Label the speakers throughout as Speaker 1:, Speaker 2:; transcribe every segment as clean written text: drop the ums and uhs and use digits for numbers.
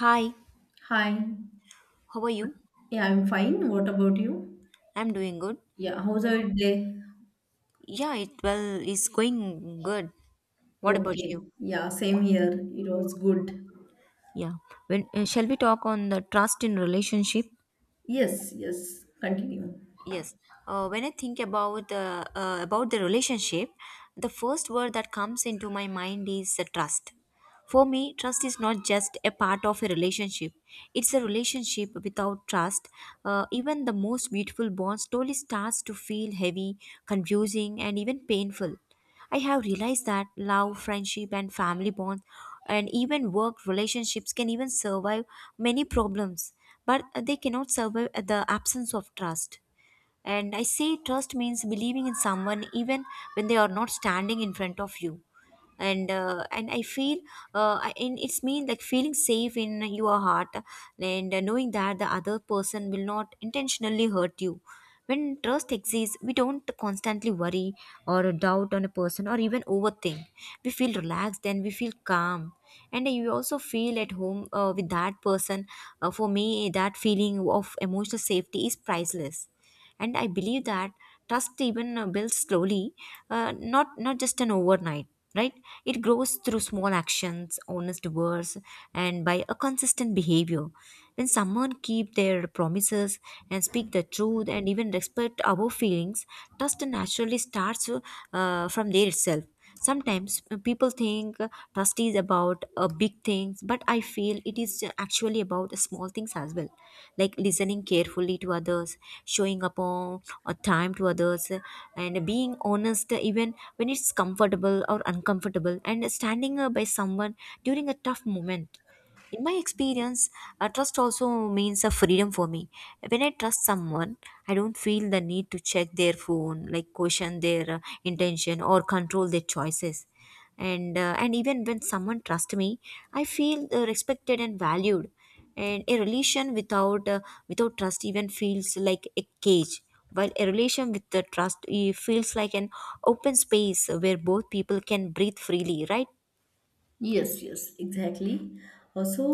Speaker 1: Hi,
Speaker 2: Hi.
Speaker 1: how are you?
Speaker 2: Yeah, I'm fine. What about you?
Speaker 1: I'm doing good.
Speaker 2: Yeah, how's your day?
Speaker 1: Yeah, it's going good. What about you?
Speaker 2: Okay. Yeah, same here. It was good.
Speaker 1: Yeah. When Shall we talk on the trust in relationship?
Speaker 2: Yes, yes. Continue.
Speaker 1: Yes. When I think about the relationship, the first word that comes into my mind is trust. For me, trust is not just a part of a relationship. It's a relationship without trust. Even the most beautiful bond slowly starts to feel heavy, confusing, and even painful. I have realized that love, friendship, and family bonds, and even work relationships can even survive many problems, but they cannot survive the absence of trust. And I say trust means believing in someone even when they are not standing in front of you. And I feel and it's mean like feeling safe in your heart and knowing that the other person will not intentionally hurt you. When trust exists, we don't constantly worry or doubt on a person or even overthink. We feel relaxed and we feel calm, and you also feel at home with that person. For me, that feeling of emotional safety is priceless, and I believe that trust even builds slowly, not just an overnight, right? It grows through small actions, honest words, and by a consistent behavior. When someone keep their promises and speak the truth and even respect our feelings, trust naturally starts from there itself. Sometimes people think trust is about big things, but I feel it is actually about small things as well, like listening carefully to others, showing up on or time to others, and being honest even when it's comfortable or uncomfortable, and standing by someone during a tough moment. In my experience, trust also means a freedom for me. When I trust someone, I don't feel the need to check their phone, like question their intention or control their choices. And even when someone trusts me, I feel respected and valued. And a relation without trust even feels like a cage, while a relation with the trust, it feels like an open space where both people can breathe freely, right?
Speaker 2: Yes, yes, exactly. Also,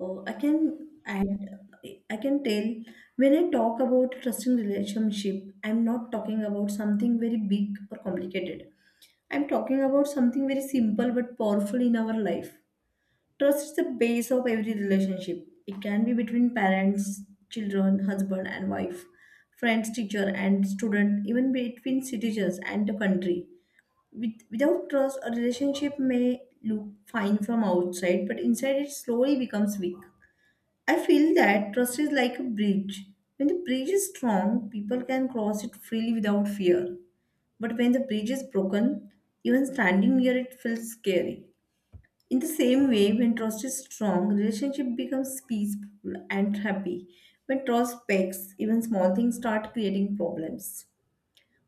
Speaker 2: I can add, I can tell when I talk about trusting relationship, I'm not talking about something very big or complicated. I'm talking about something very simple but powerful in our life. Trust is the base of every relationship. It can be between parents, children, husband and wife, friends, teacher and student, even between citizens and the country. With, without trust, a relationship may look fine from outside, but inside it slowly becomes weak. I feel that trust is like a bridge. When the bridge is strong, people can cross it freely without fear. But when the bridge is broken, even standing near it feels scary. In the same way, when trust is strong, relationship becomes peaceful and happy. When trust pecks, even small things start creating problems.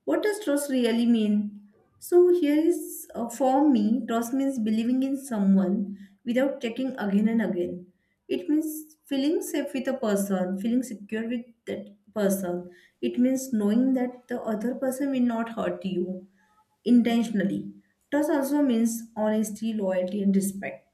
Speaker 2: What does trust really mean? So here is, for me, trust means believing in someone without checking again and again. It means feeling safe with a person, feeling secure with that person. It means knowing that the other person will not hurt you intentionally. Trust also means honesty, loyalty, and respect.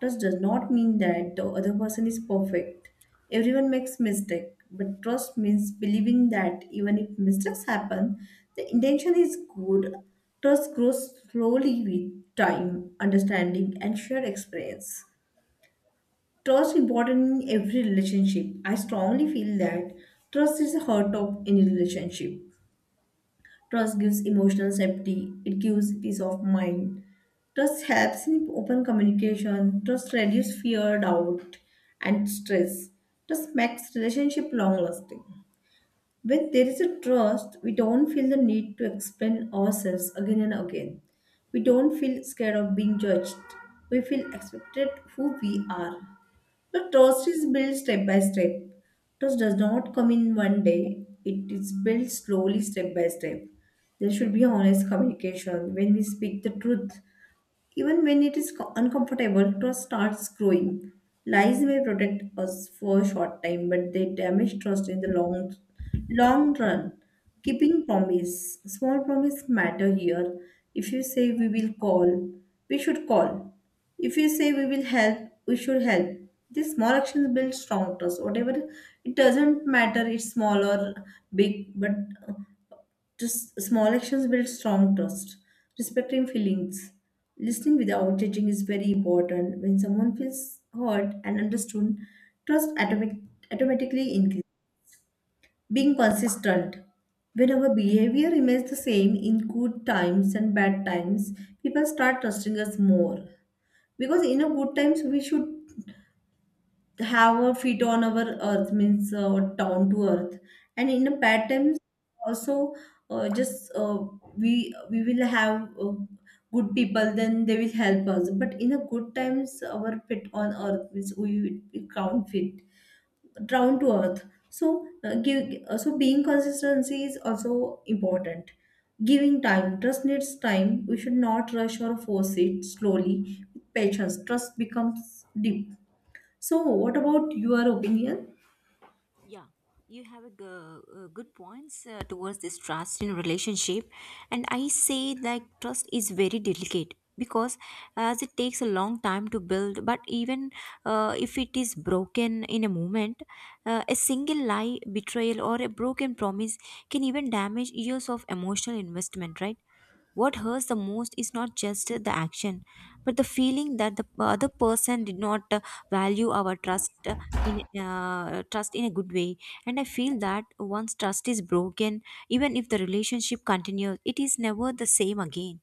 Speaker 2: Trust does not mean that the other person is perfect. Everyone makes mistakes, but trust means believing that even if mistakes happen, the intention is good. Trust grows slowly with time, understanding, and shared experience. Trust important in every relationship. I strongly feel that trust is the heart of any relationship. Trust gives emotional safety, it gives peace of mind. Trust helps in open communication. Trust reduces fear, doubt, and stress. Trust makes relationship long lasting. When there is a trust, we don't feel the need to explain ourselves again and again. We don't feel scared of being judged. We feel accepted who we are. The trust is built step by step. Trust does not come in one day, it is built slowly, step by step. There should be honest communication when we speak the truth even when it is uncomfortable, trust starts growing. Lies may protect us for a short time, but they damage trust in the long, long run. Keeping promise, small promise matter here. If you say we will call, we should call. If you say we will help, we should help. These small actions build strong trust. Whatever it doesn't matter, it's small or big, but just small actions build strong trust. Respecting feelings, listening without judging is very important. When someone feels heard and understood, trust automatic, automatically increases. Being consistent, when our behavior remains the same in good times and bad times, people start trusting us more. Because in a good times we should have a feet on our earth means, down to earth and in the patterns also, just we will have, good people then they will help us but in the good times our feet on earth means we count fit down to earth. So, give so being consistency is also important. Giving time, trust needs time, we should not rush or force it, slowly with patience trust becomes deep. So, what about your opinion?
Speaker 1: Yeah, you have a, good points towards this trust in relationship, and I say that trust is very delicate because as it takes a long time to build. But even, if it is broken in a moment, a single lie, betrayal, or a broken promise can even damage years of emotional investment. Right? What hurts the most is not just the action, but the feeling that the other person did not value our trust, in trust in a good way. And I feel that once trust is broken, even if the relationship continues, it is never the same again.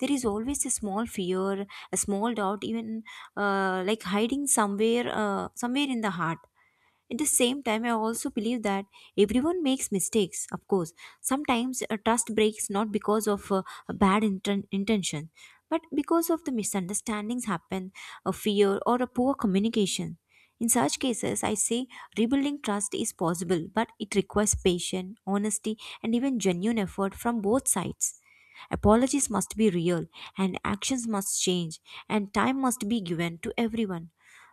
Speaker 1: There is always a small fear, a small doubt, even like hiding somewhere, somewhere in the heart. At the same time, I also believe that everyone makes mistakes, of course. Sometimes a trust breaks not because of a bad intention, but because of the misunderstandings happen, a fear, or a poor communication. In such cases, I say rebuilding trust is possible, but it requires patience, honesty, and even genuine effort from both sides. Apologies must be real, and actions must change, and time must be given to everyone,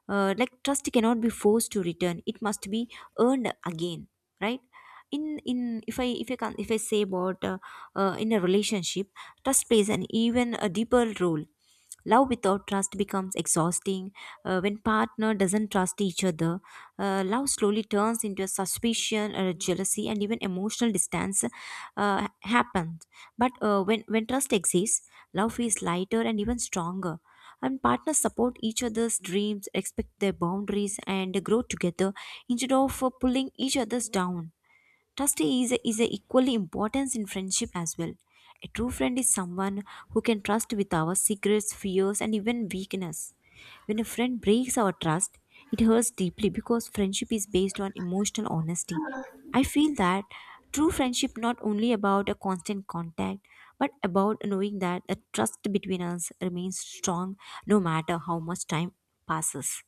Speaker 1: like trust cannot be forced to return, it must be earned again, right? In If I can, if I say about in a relationship, trust plays an even a deeper role. Love without trust becomes exhausting. When partner doesn't trust each other, love slowly turns into a suspicion or a jealousy, and even emotional distance happens. But when trust exists, love feels lighter and even stronger. And partners support each other's dreams, respect their boundaries, and grow together instead of pulling each other's down. Trust is equally important in friendship as well. A true friend is someone who can trust with our secrets, fears, and even weakness. When a friend breaks our trust, it hurts deeply because friendship is based on emotional honesty. I feel that true friendship not only about a constant contact, but about knowing that the trust between us remains strong no matter how much time passes.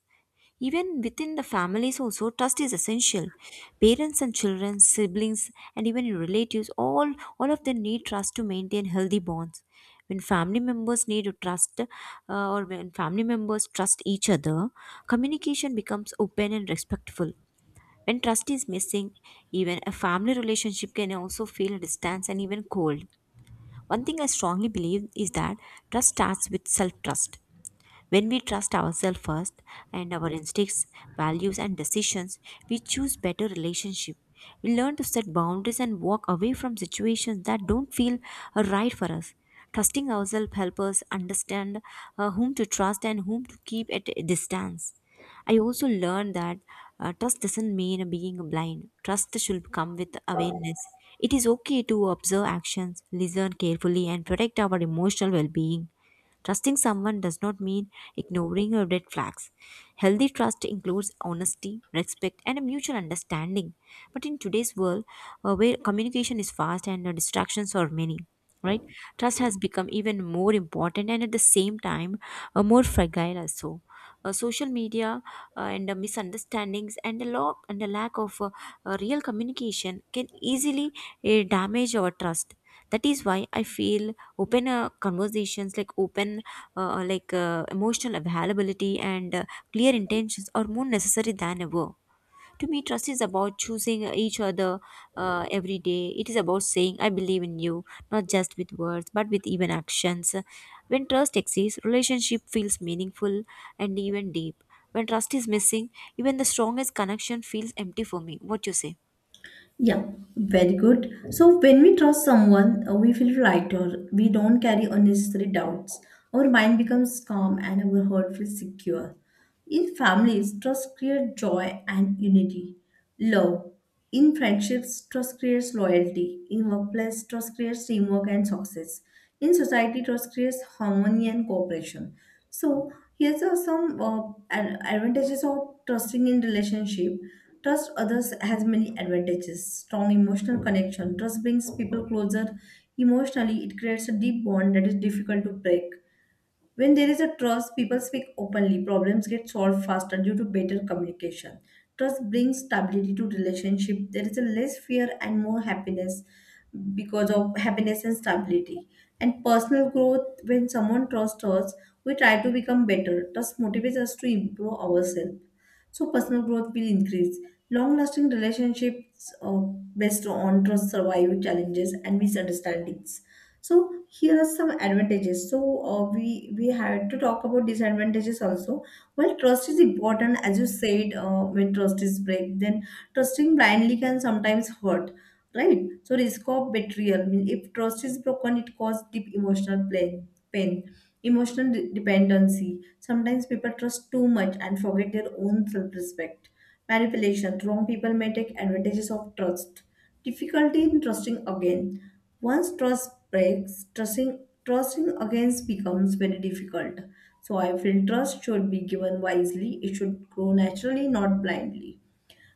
Speaker 1: Even within the families, also, trust is essential. Parents and children, siblings, and even relatives, all of them need trust to maintain healthy bonds. When family members need to trust, or when family members trust each other, communication becomes open and respectful. When trust is missing, even a family relationship can also feel a distance and even cold. One thing I strongly believe is that trust starts with self trust. When we trust ourselves first and our instincts, values, and decisions, we choose better relationship. We learn to set boundaries and walk away from situations that don't feel right for us. Trusting ourselves helps us understand whom to trust and whom to keep at a distance. I also learned that trust doesn't mean being blind. Trust should come with awareness. It is okay to observe actions, listen carefully, and protect our emotional well being. Trusting someone does not mean ignoring your red flags. Healthy trust includes honesty, respect, and a mutual understanding. But in today's world, where communication is fast and distractions are many, right? Trust has become even more important, and at the same time, more fragile also. Social media and misunderstandings and the lack of real communication can easily damage our trust. That is why I feel open conversations, like open, emotional availability, and clear intentions are more necessary than ever. To me, trust is about choosing each other every day. It is about saying I believe in you, not just with words but with even actions. When trust exists, relationship feels meaningful and even deep. When trust is missing, even the strongest connection feels empty. For me, what you say?
Speaker 2: Yeah, very good. So, when we trust someone, we feel lighter. We don't carry unnecessary doubts. Our mind becomes calm and our heart feels secure. In families, trust creates joy and unity. Love. In friendships, trust creates loyalty. In workplace, trust creates teamwork and success. In society, trust creates harmony and cooperation. So, here's are some advantages of trusting in relationship. Trust others has many advantages. Strong emotional connection. Trust brings people closer emotionally. It creates a deep bond that is difficult to break. When there is a trust, people speak openly. Problems get solved faster due to better communication. Trust brings stability to relationship. There is a less fear and more happiness because of happiness and stability. And personal growth, when someone trusts us, we try to become better. Trust motivates us to improve ourselves. So personal growth will increase. Long-lasting relationships are based on trust, survive challenges and misunderstandings. So here are some advantages. So, we had to talk about disadvantages also. Well, trust is important, as you said, when trust is break, then trusting blindly can sometimes hurt, right? So, risk of betrayal means if trust is broken, it causes deep emotional pain. Emotional dependency. Sometimes people trust too much and forget their own self-respect. Manipulation. Wrong people may take advantages of trust. Difficulty in trusting again. Once trust breaks, trusting again becomes very difficult. So I feel trust should be given wisely. It should grow naturally, not blindly.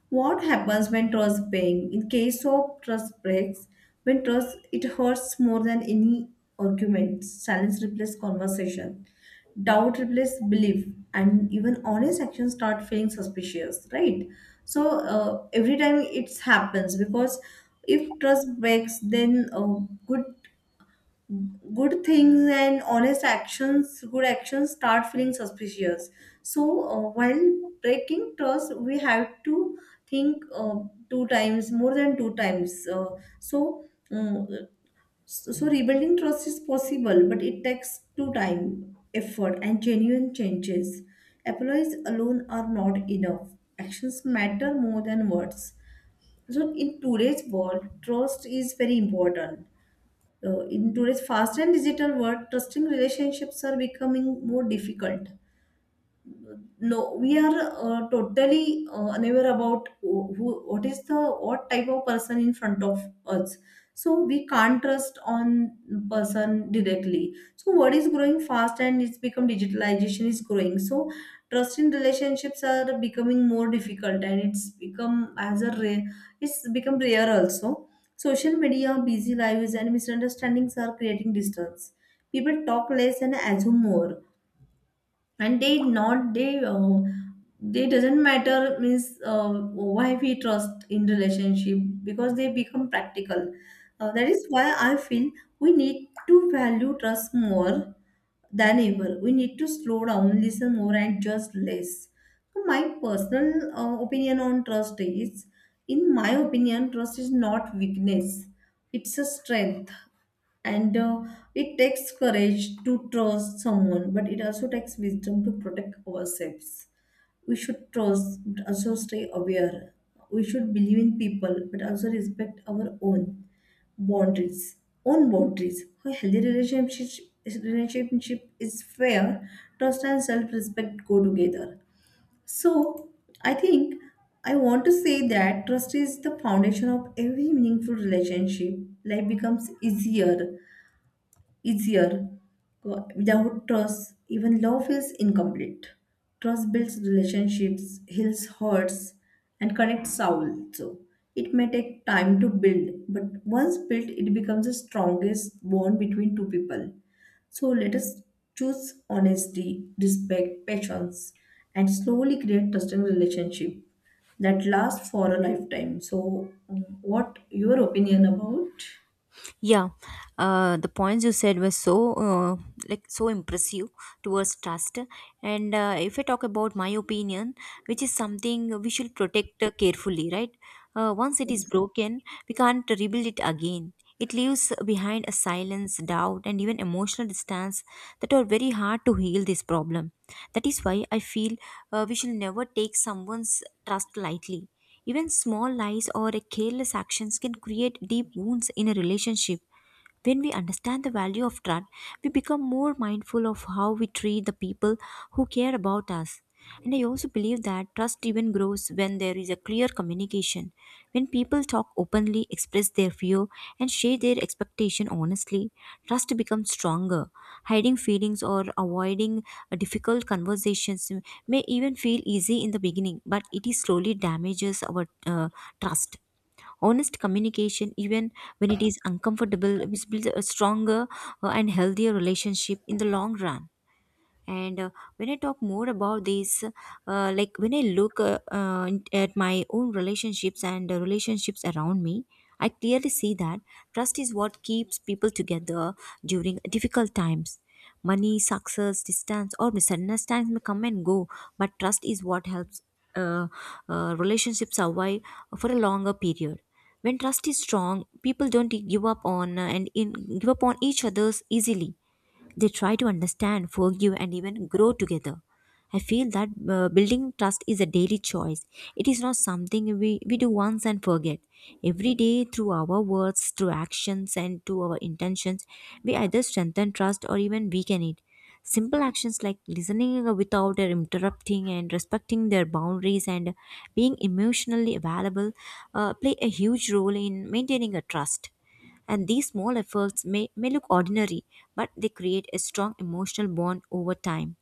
Speaker 2: What happens when trust breaks? In case of trust breaks, when trust it hurts more than any argument. Silence replaces conversation. Doubt replaces belief, and even honest actions start feeling suspicious, right? So, every time it happens because if trust breaks, then, good good things and honest actions, good actions start feeling suspicious. So, while breaking trust we have to think, two times, more than two times, so, um, so rebuilding trust is possible but it takes two time effort and genuine changes. Apologies alone are not enough, actions matter more than words. So in today's world trust is very important. In today's fast and digital world, trusting relationships are becoming more difficult. No, we are, totally unaware about who what is the what type of person in front of us, so we can't trust on person directly. So what is growing fast and it's become, digitalization is growing, so trust in relationships are becoming more difficult and it's become as a rare, it's become rare also. Social media, busy lives and misunderstandings are creating distance. People talk less and assume more, and they not they they doesn't matter means, why we trust in relationship because they become practical. That is why I feel we need to value trust more than ever. We need to slow down, listen more, and just less. So, my personal opinion on trust is, in my opinion, trust is not weakness; it's a strength, and, it takes courage to trust someone, but it also takes wisdom to protect ourselves. We should trust, but also stay aware. We should believe in people, but also respect our boundaries own boundaries A healthy relationship is fair. Trust and self-respect go together. So I think I want to say that trust is the foundation of every meaningful relationship. Life becomes easier. Without trust, even love feels incomplete. Trust builds relationships, heals hurts, and connects souls. So it may take time to build, but once built, it becomes the strongest bond between two people. So let us choose honesty, respect, patience, and slowly create trusting relationship that lasts for a lifetime. So, what your opinion about?
Speaker 1: Yeah, the points you said were so like so impressive towards trust. And if I talk about my opinion, which is something we should protect carefully, right? Once it is broken, we can't rebuild it again. It leaves behind a silence, doubt, and even emotional distance that are very hard to heal this problem. That is why I feel we should never take someone's trust lightly. Even small lies or careless actions can create deep wounds in a relationship. When we understand the value of trust, we become more mindful of how we treat the people who care about us. And I also believe that trust even grows when there is a clear communication. When people talk openly, express their fear, and share their expectation honestly, trust becomes stronger. Hiding feelings or avoiding difficult conversations may even feel easy in the beginning, but it is slowly damages our trust. Honest communication, even when it is uncomfortable, is builds a stronger and healthier relationship in the long run. And When I talk more about this, when I look at my own relationships and relationships around me, I clearly see that trust is what keeps people together during difficult times. Money, success, distance, or misunderstandings may come and go, but trust is what helps uh, relationships survive for a longer period. When trust is strong, people don't give up on each others easily. They try to understand, forgive, and even grow together. I feel that building trust is a daily choice. It is not something we do once and forget. Every day, through our words, through actions, and to our intentions, we either strengthen trust or even weaken it. Simple actions like listening without interrupting and respecting their boundaries and being emotionally available play a huge role in maintaining a trust, and these small efforts may look ordinary, but they create a strong emotional bond over time.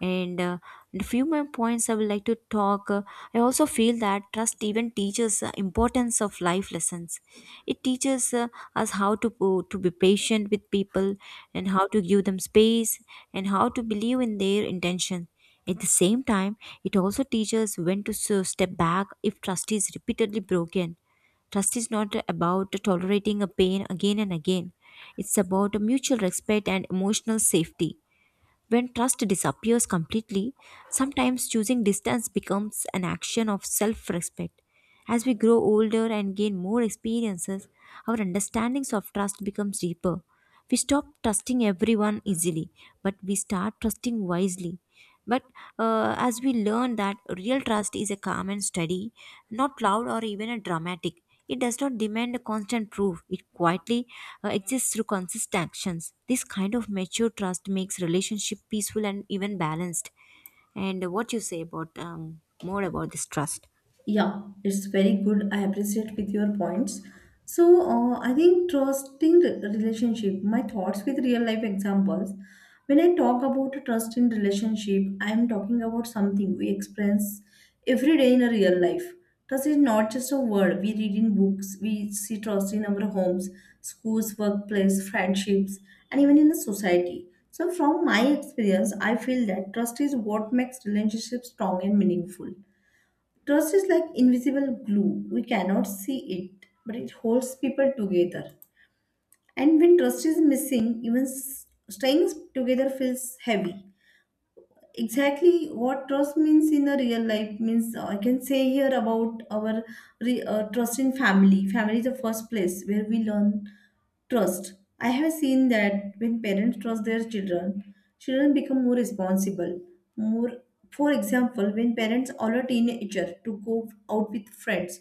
Speaker 1: And uh, and A few more points I would like to talk. I also feel that trust even teaches the importance of life lessons. It teaches us how to be patient with people, and how to give them space, and how to believe in their intention. At the same time, it also teaches when step back if trust is repeatedly broken. Trust is not about tolerating a pain again and again. It's about a mutual respect and emotional safety. When trust disappears completely, sometimes choosing distance becomes an action of self respect. As we grow older and gain more experiences, our understandings of trust becomes deeper. We stop trusting everyone easily, but we start trusting wisely. But as we learn that real trust is a calm and steady, not loud or even a dramatic. It does not demand a constant proof. It quietly exists through consistent actions. This kind of mature trust makes relationship peaceful and even balanced. And what you say about more about this trust?
Speaker 2: Yeah, it's very good. I appreciate with your points. So, I think trusting relationship, my thoughts with real life examples. When I talk about trust in relationship, I am talking about something we experience every day in a real life. Trust is not just a word we read in books. We see trust in our homes, schools, workplace, friendships, and even in the society. So, from my experience, I feel that trust is what makes relationships strong and meaningful. Trust is like invisible glue. We cannot see it, but it holds people together. And when trust is missing, even staying together feels heavy. Exactly what trust means in the real life means, I can say here about our trust in family. Family is the first place where we learn. Trust. I have seen that when parents trust their children, children become more responsible. More, for example, when parents allow teenager to go out with friends,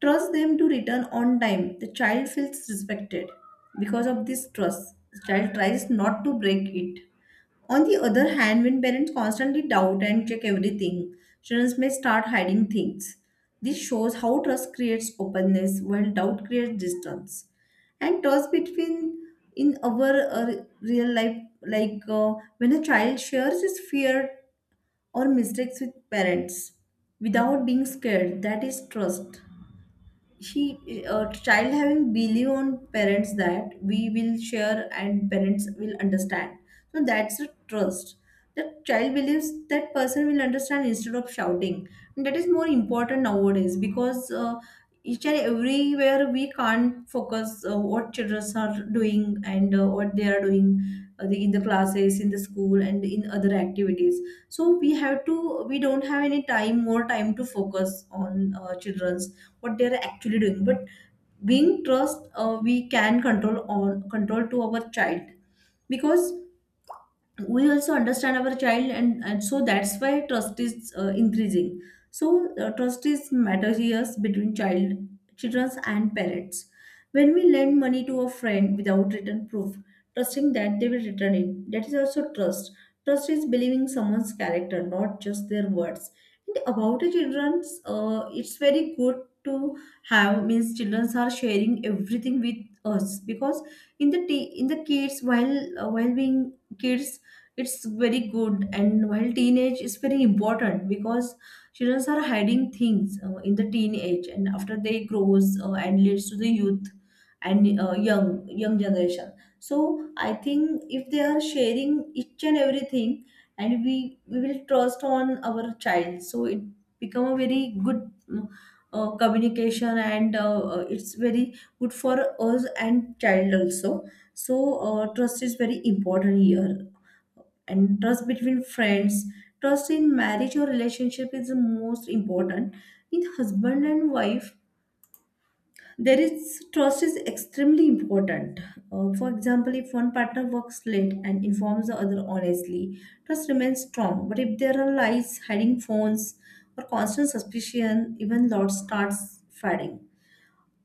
Speaker 2: trust them to return on time. The child feels respected. Because of this trust, the child tries not to break it. On the other hand, when parents constantly doubt and check everything, children may start hiding things. This shows how trust creates openness while doubt creates distance and toss between in our real life, like when a child shares his fear or mistakes with parents without being scared, that is trust. He Child having belief on parents that we will share and parents will understand, so that's a trust. The child believes that person will understand instead of shouting. And that is more important nowadays because each and everywhere we can't focus what children are doing and what they are doing in the classes, in the school, and in other activities. So we don't have any time, more time to focus on children, what they're actually doing. But being trust, we can control on control to our child, because we also understand our child and so that's why trust is increasing. So trust is matters here between child, children and parents. When we lend money to a friend without written proof, trusting that they will return it, that is also trust. Trust is believing someone's character, not just their words. And about the children's, it's very good to have, means children are sharing everything with us. Because in in the kids, while being kids, it's very good. And while teenage is very important because children are hiding things in the teenage, and after they grows and leads to the youth and young generation. So I think if they are sharing each and everything, and we will trust on our child, so it become a very good mm, communication, and it's very good for us and child also. So trust is very important here. And trust between friends, trust in marriage or relationship is the most important. In husband and wife, there is trust is extremely important. For example, if one partner works late and informs the other honestly, trust remains strong. But if there are lies, hiding phones, or constant suspicion, even love starts fading.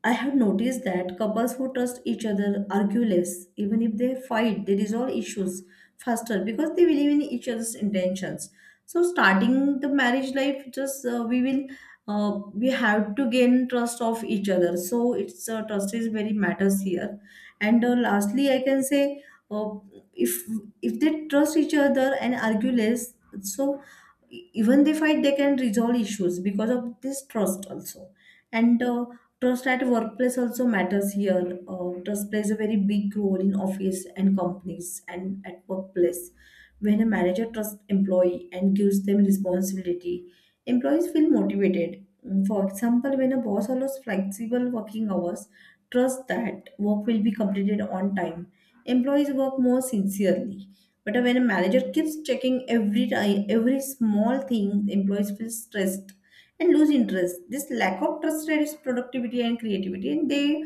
Speaker 2: I have noticed that couples who trust each other argue less. Even if they fight, they resolve issues faster because they believe in each other's intentions. So, starting the marriage life, just we have to gain trust of each other. So, it's trust is very matters here. And lastly, I can say uh, if if they trust each other and argue less, so even they fight, they can resolve issues because of this trust also. And trust at workplace also matters here. Trust plays a very big role in office and companies and at workplace. When a manager trusts employee and gives them responsibility, employees feel motivated. Mm, for example, when a boss allows flexible working hours, trust that work will be completed on time. Employees work more sincerely. But when a manager keeps checking every time, every small thing, employees feel stressed and lose interest. This lack of trust reduces productivity and creativity, and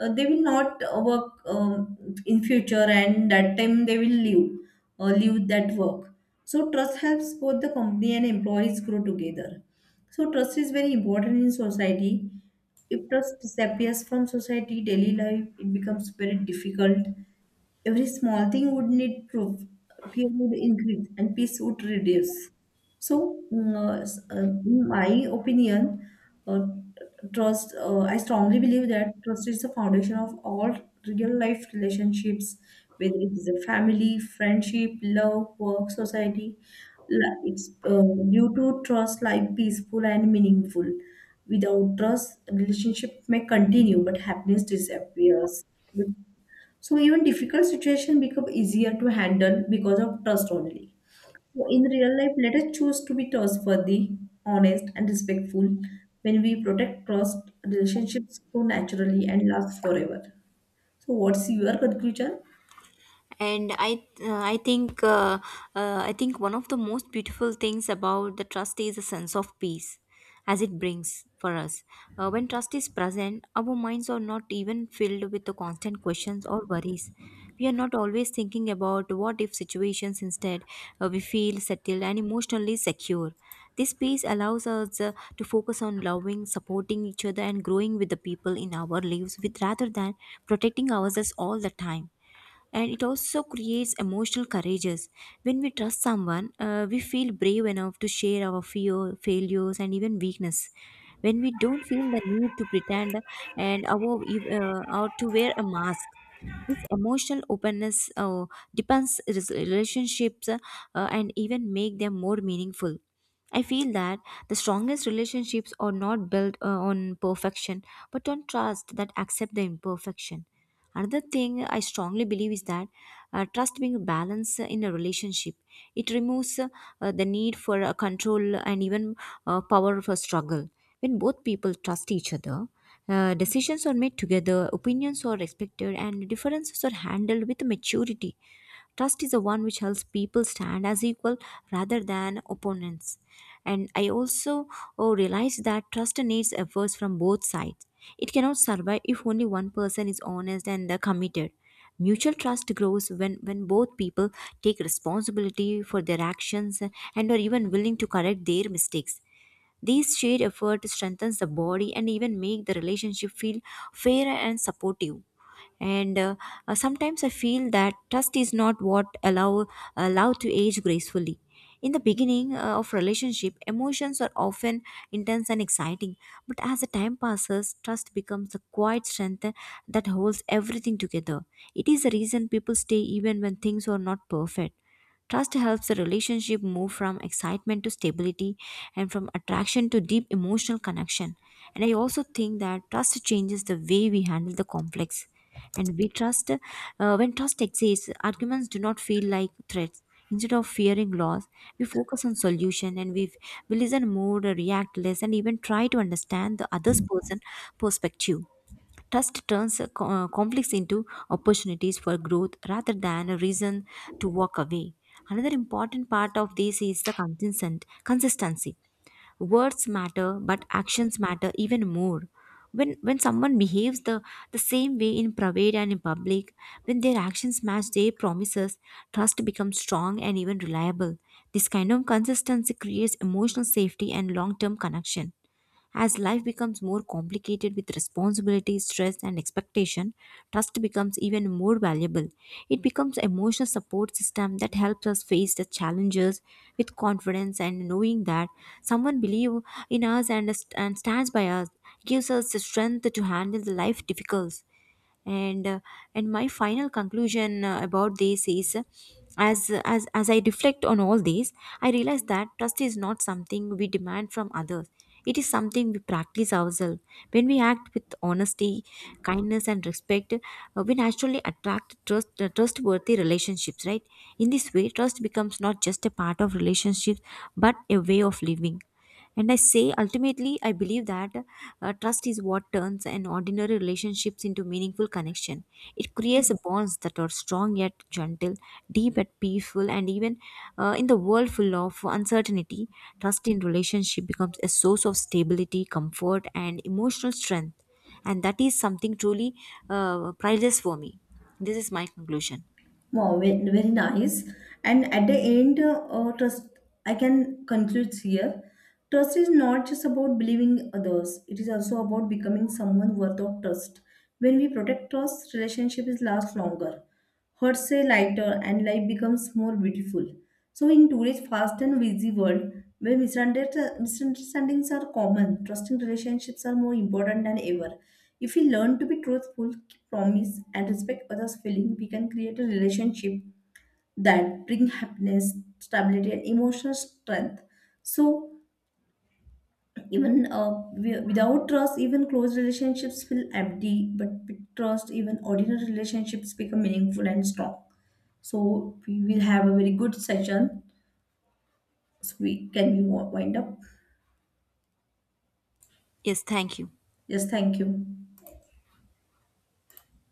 Speaker 2: they will not work in future, and that time they will leave leave that work. So trust helps both the company and employees grow together. So trust is very important in society. If trust disappears from society, daily life it becomes very difficult. Every small thing would need proof. Fear would increase and peace would reduce. So, in my opinion, uh, trust I strongly believe that trust is the foundation of all real life relationships, whether it is a family, friendship, love, work, society. La- it's Due to trust, life peaceful and meaningful. Without trust, relationship may continue but happiness disappears. So even difficult situation become easier to handle because of trust only. So in real life, let us choose to be trustworthy, honest, and respectful. When we protect trust, relationships grow naturally and last forever. So what's your conclusion?
Speaker 1: And uh, I think uh, I think one of the most beautiful things about the trust is a sense of peace as it brings for us, when trust is present, our minds are not even filled with the constant questions or worries. We are not always thinking about what if situations. Instead, we feel settled and emotionally secure. This peace allows us to focus on loving, supporting each other and growing with the people in our lives with, rather than protecting ourselves all the time. And it also creates emotional courages. When we trust someone, we feel brave enough to share our fear, failures and even weakness, when we don't feel the need to pretend or to wear a mask. This emotional openness depends relationships, and even make them more meaningful. I feel that the strongest relationships are not built on perfection, but on trust that accept the imperfection. Another thing I strongly believe is that trust being balanced in a relationship. It removes the need for control and even power for struggle. When both people trust each other, decisions are made together, opinions are respected, and differences are handled with maturity. Trust is the one which helps people stand as equal rather than opponents. And I also, oh, realized that trust needs efforts from both sides. It cannot survive if only one person is honest and committed. Mutual trust grows when both people take responsibility for their actions and are even willing to correct their mistakes. These shared effort strengthens the body and even make the relationship feel fair and supportive. And Sometimes I feel that trust is not what allow allow to age gracefully. In the beginning of relationship, emotions are often intense and exciting, but as the time passes, trust becomes the quiet strength that holds everything together. It is the reason people stay even when things are not perfect. Trust helps the relationship move from excitement to stability and from attraction to deep emotional connection. And I also think that trust changes the way we handle the conflicts, and we trust when trust exists, arguments do not feel like threats. Instead of fearing loss, we focus on solution, and we listen more, react less, and even try to understand the other's person perspective. Trust turns conflicts into opportunities for growth rather than a reason to walk away. Another important part of this is the consistent consistency. Words matter, but actions matter even more. When someone behaves the same way in private and in public, when their actions match their promises, trust becomes strong and even reliable. This kind of consistency creates emotional safety and long term connection. As life becomes more complicated with responsibility, stress, and expectation, trust becomes even more valuable. It becomes an emotional support system that helps us face the challenges with confidence, and knowing that someone believes in us and stands by us gives us the strength to handle the life difficulties. and uh, and my final conclusion about this is, as I reflect on all these, I realize that trust is not something we demand from others. It is something we practice ourselves. When we act with honesty, kindness and respect, we naturally attract trustworthy relationships, right? In this way, trust becomes not just a part of relationships, but a way of living. And I say, ultimately, I believe that trust is what turns an ordinary relationships into meaningful connection. It creates bonds that are strong yet gentle, deep yet peaceful, and even, in the world full of uncertainty, trust in relationship becomes a source of stability, comfort, and emotional strength. And that is something truly priceless for me. This is my conclusion.
Speaker 2: Wow, very nice. And at the end, trust, I can conclude here. Trust is not just about believing others, it is also about becoming someone worth of trust. When we protect trust, relationships last longer, hurts say lighter, and life becomes more beautiful. So, in today's fast and busy world, where misunderstandings are common, trusting relationships are more important than ever. If we learn to be truthful, keep promise, and respect others' feelings, we can create a relationship that bring happiness, stability, and emotional strength. So, even without trust, even close relationships feel empty. But with trust, even ordinary relationships become meaningful and strong. So, we will have a very good session. So we can we wind up?
Speaker 1: Yes, thank you.
Speaker 2: Yes, thank you.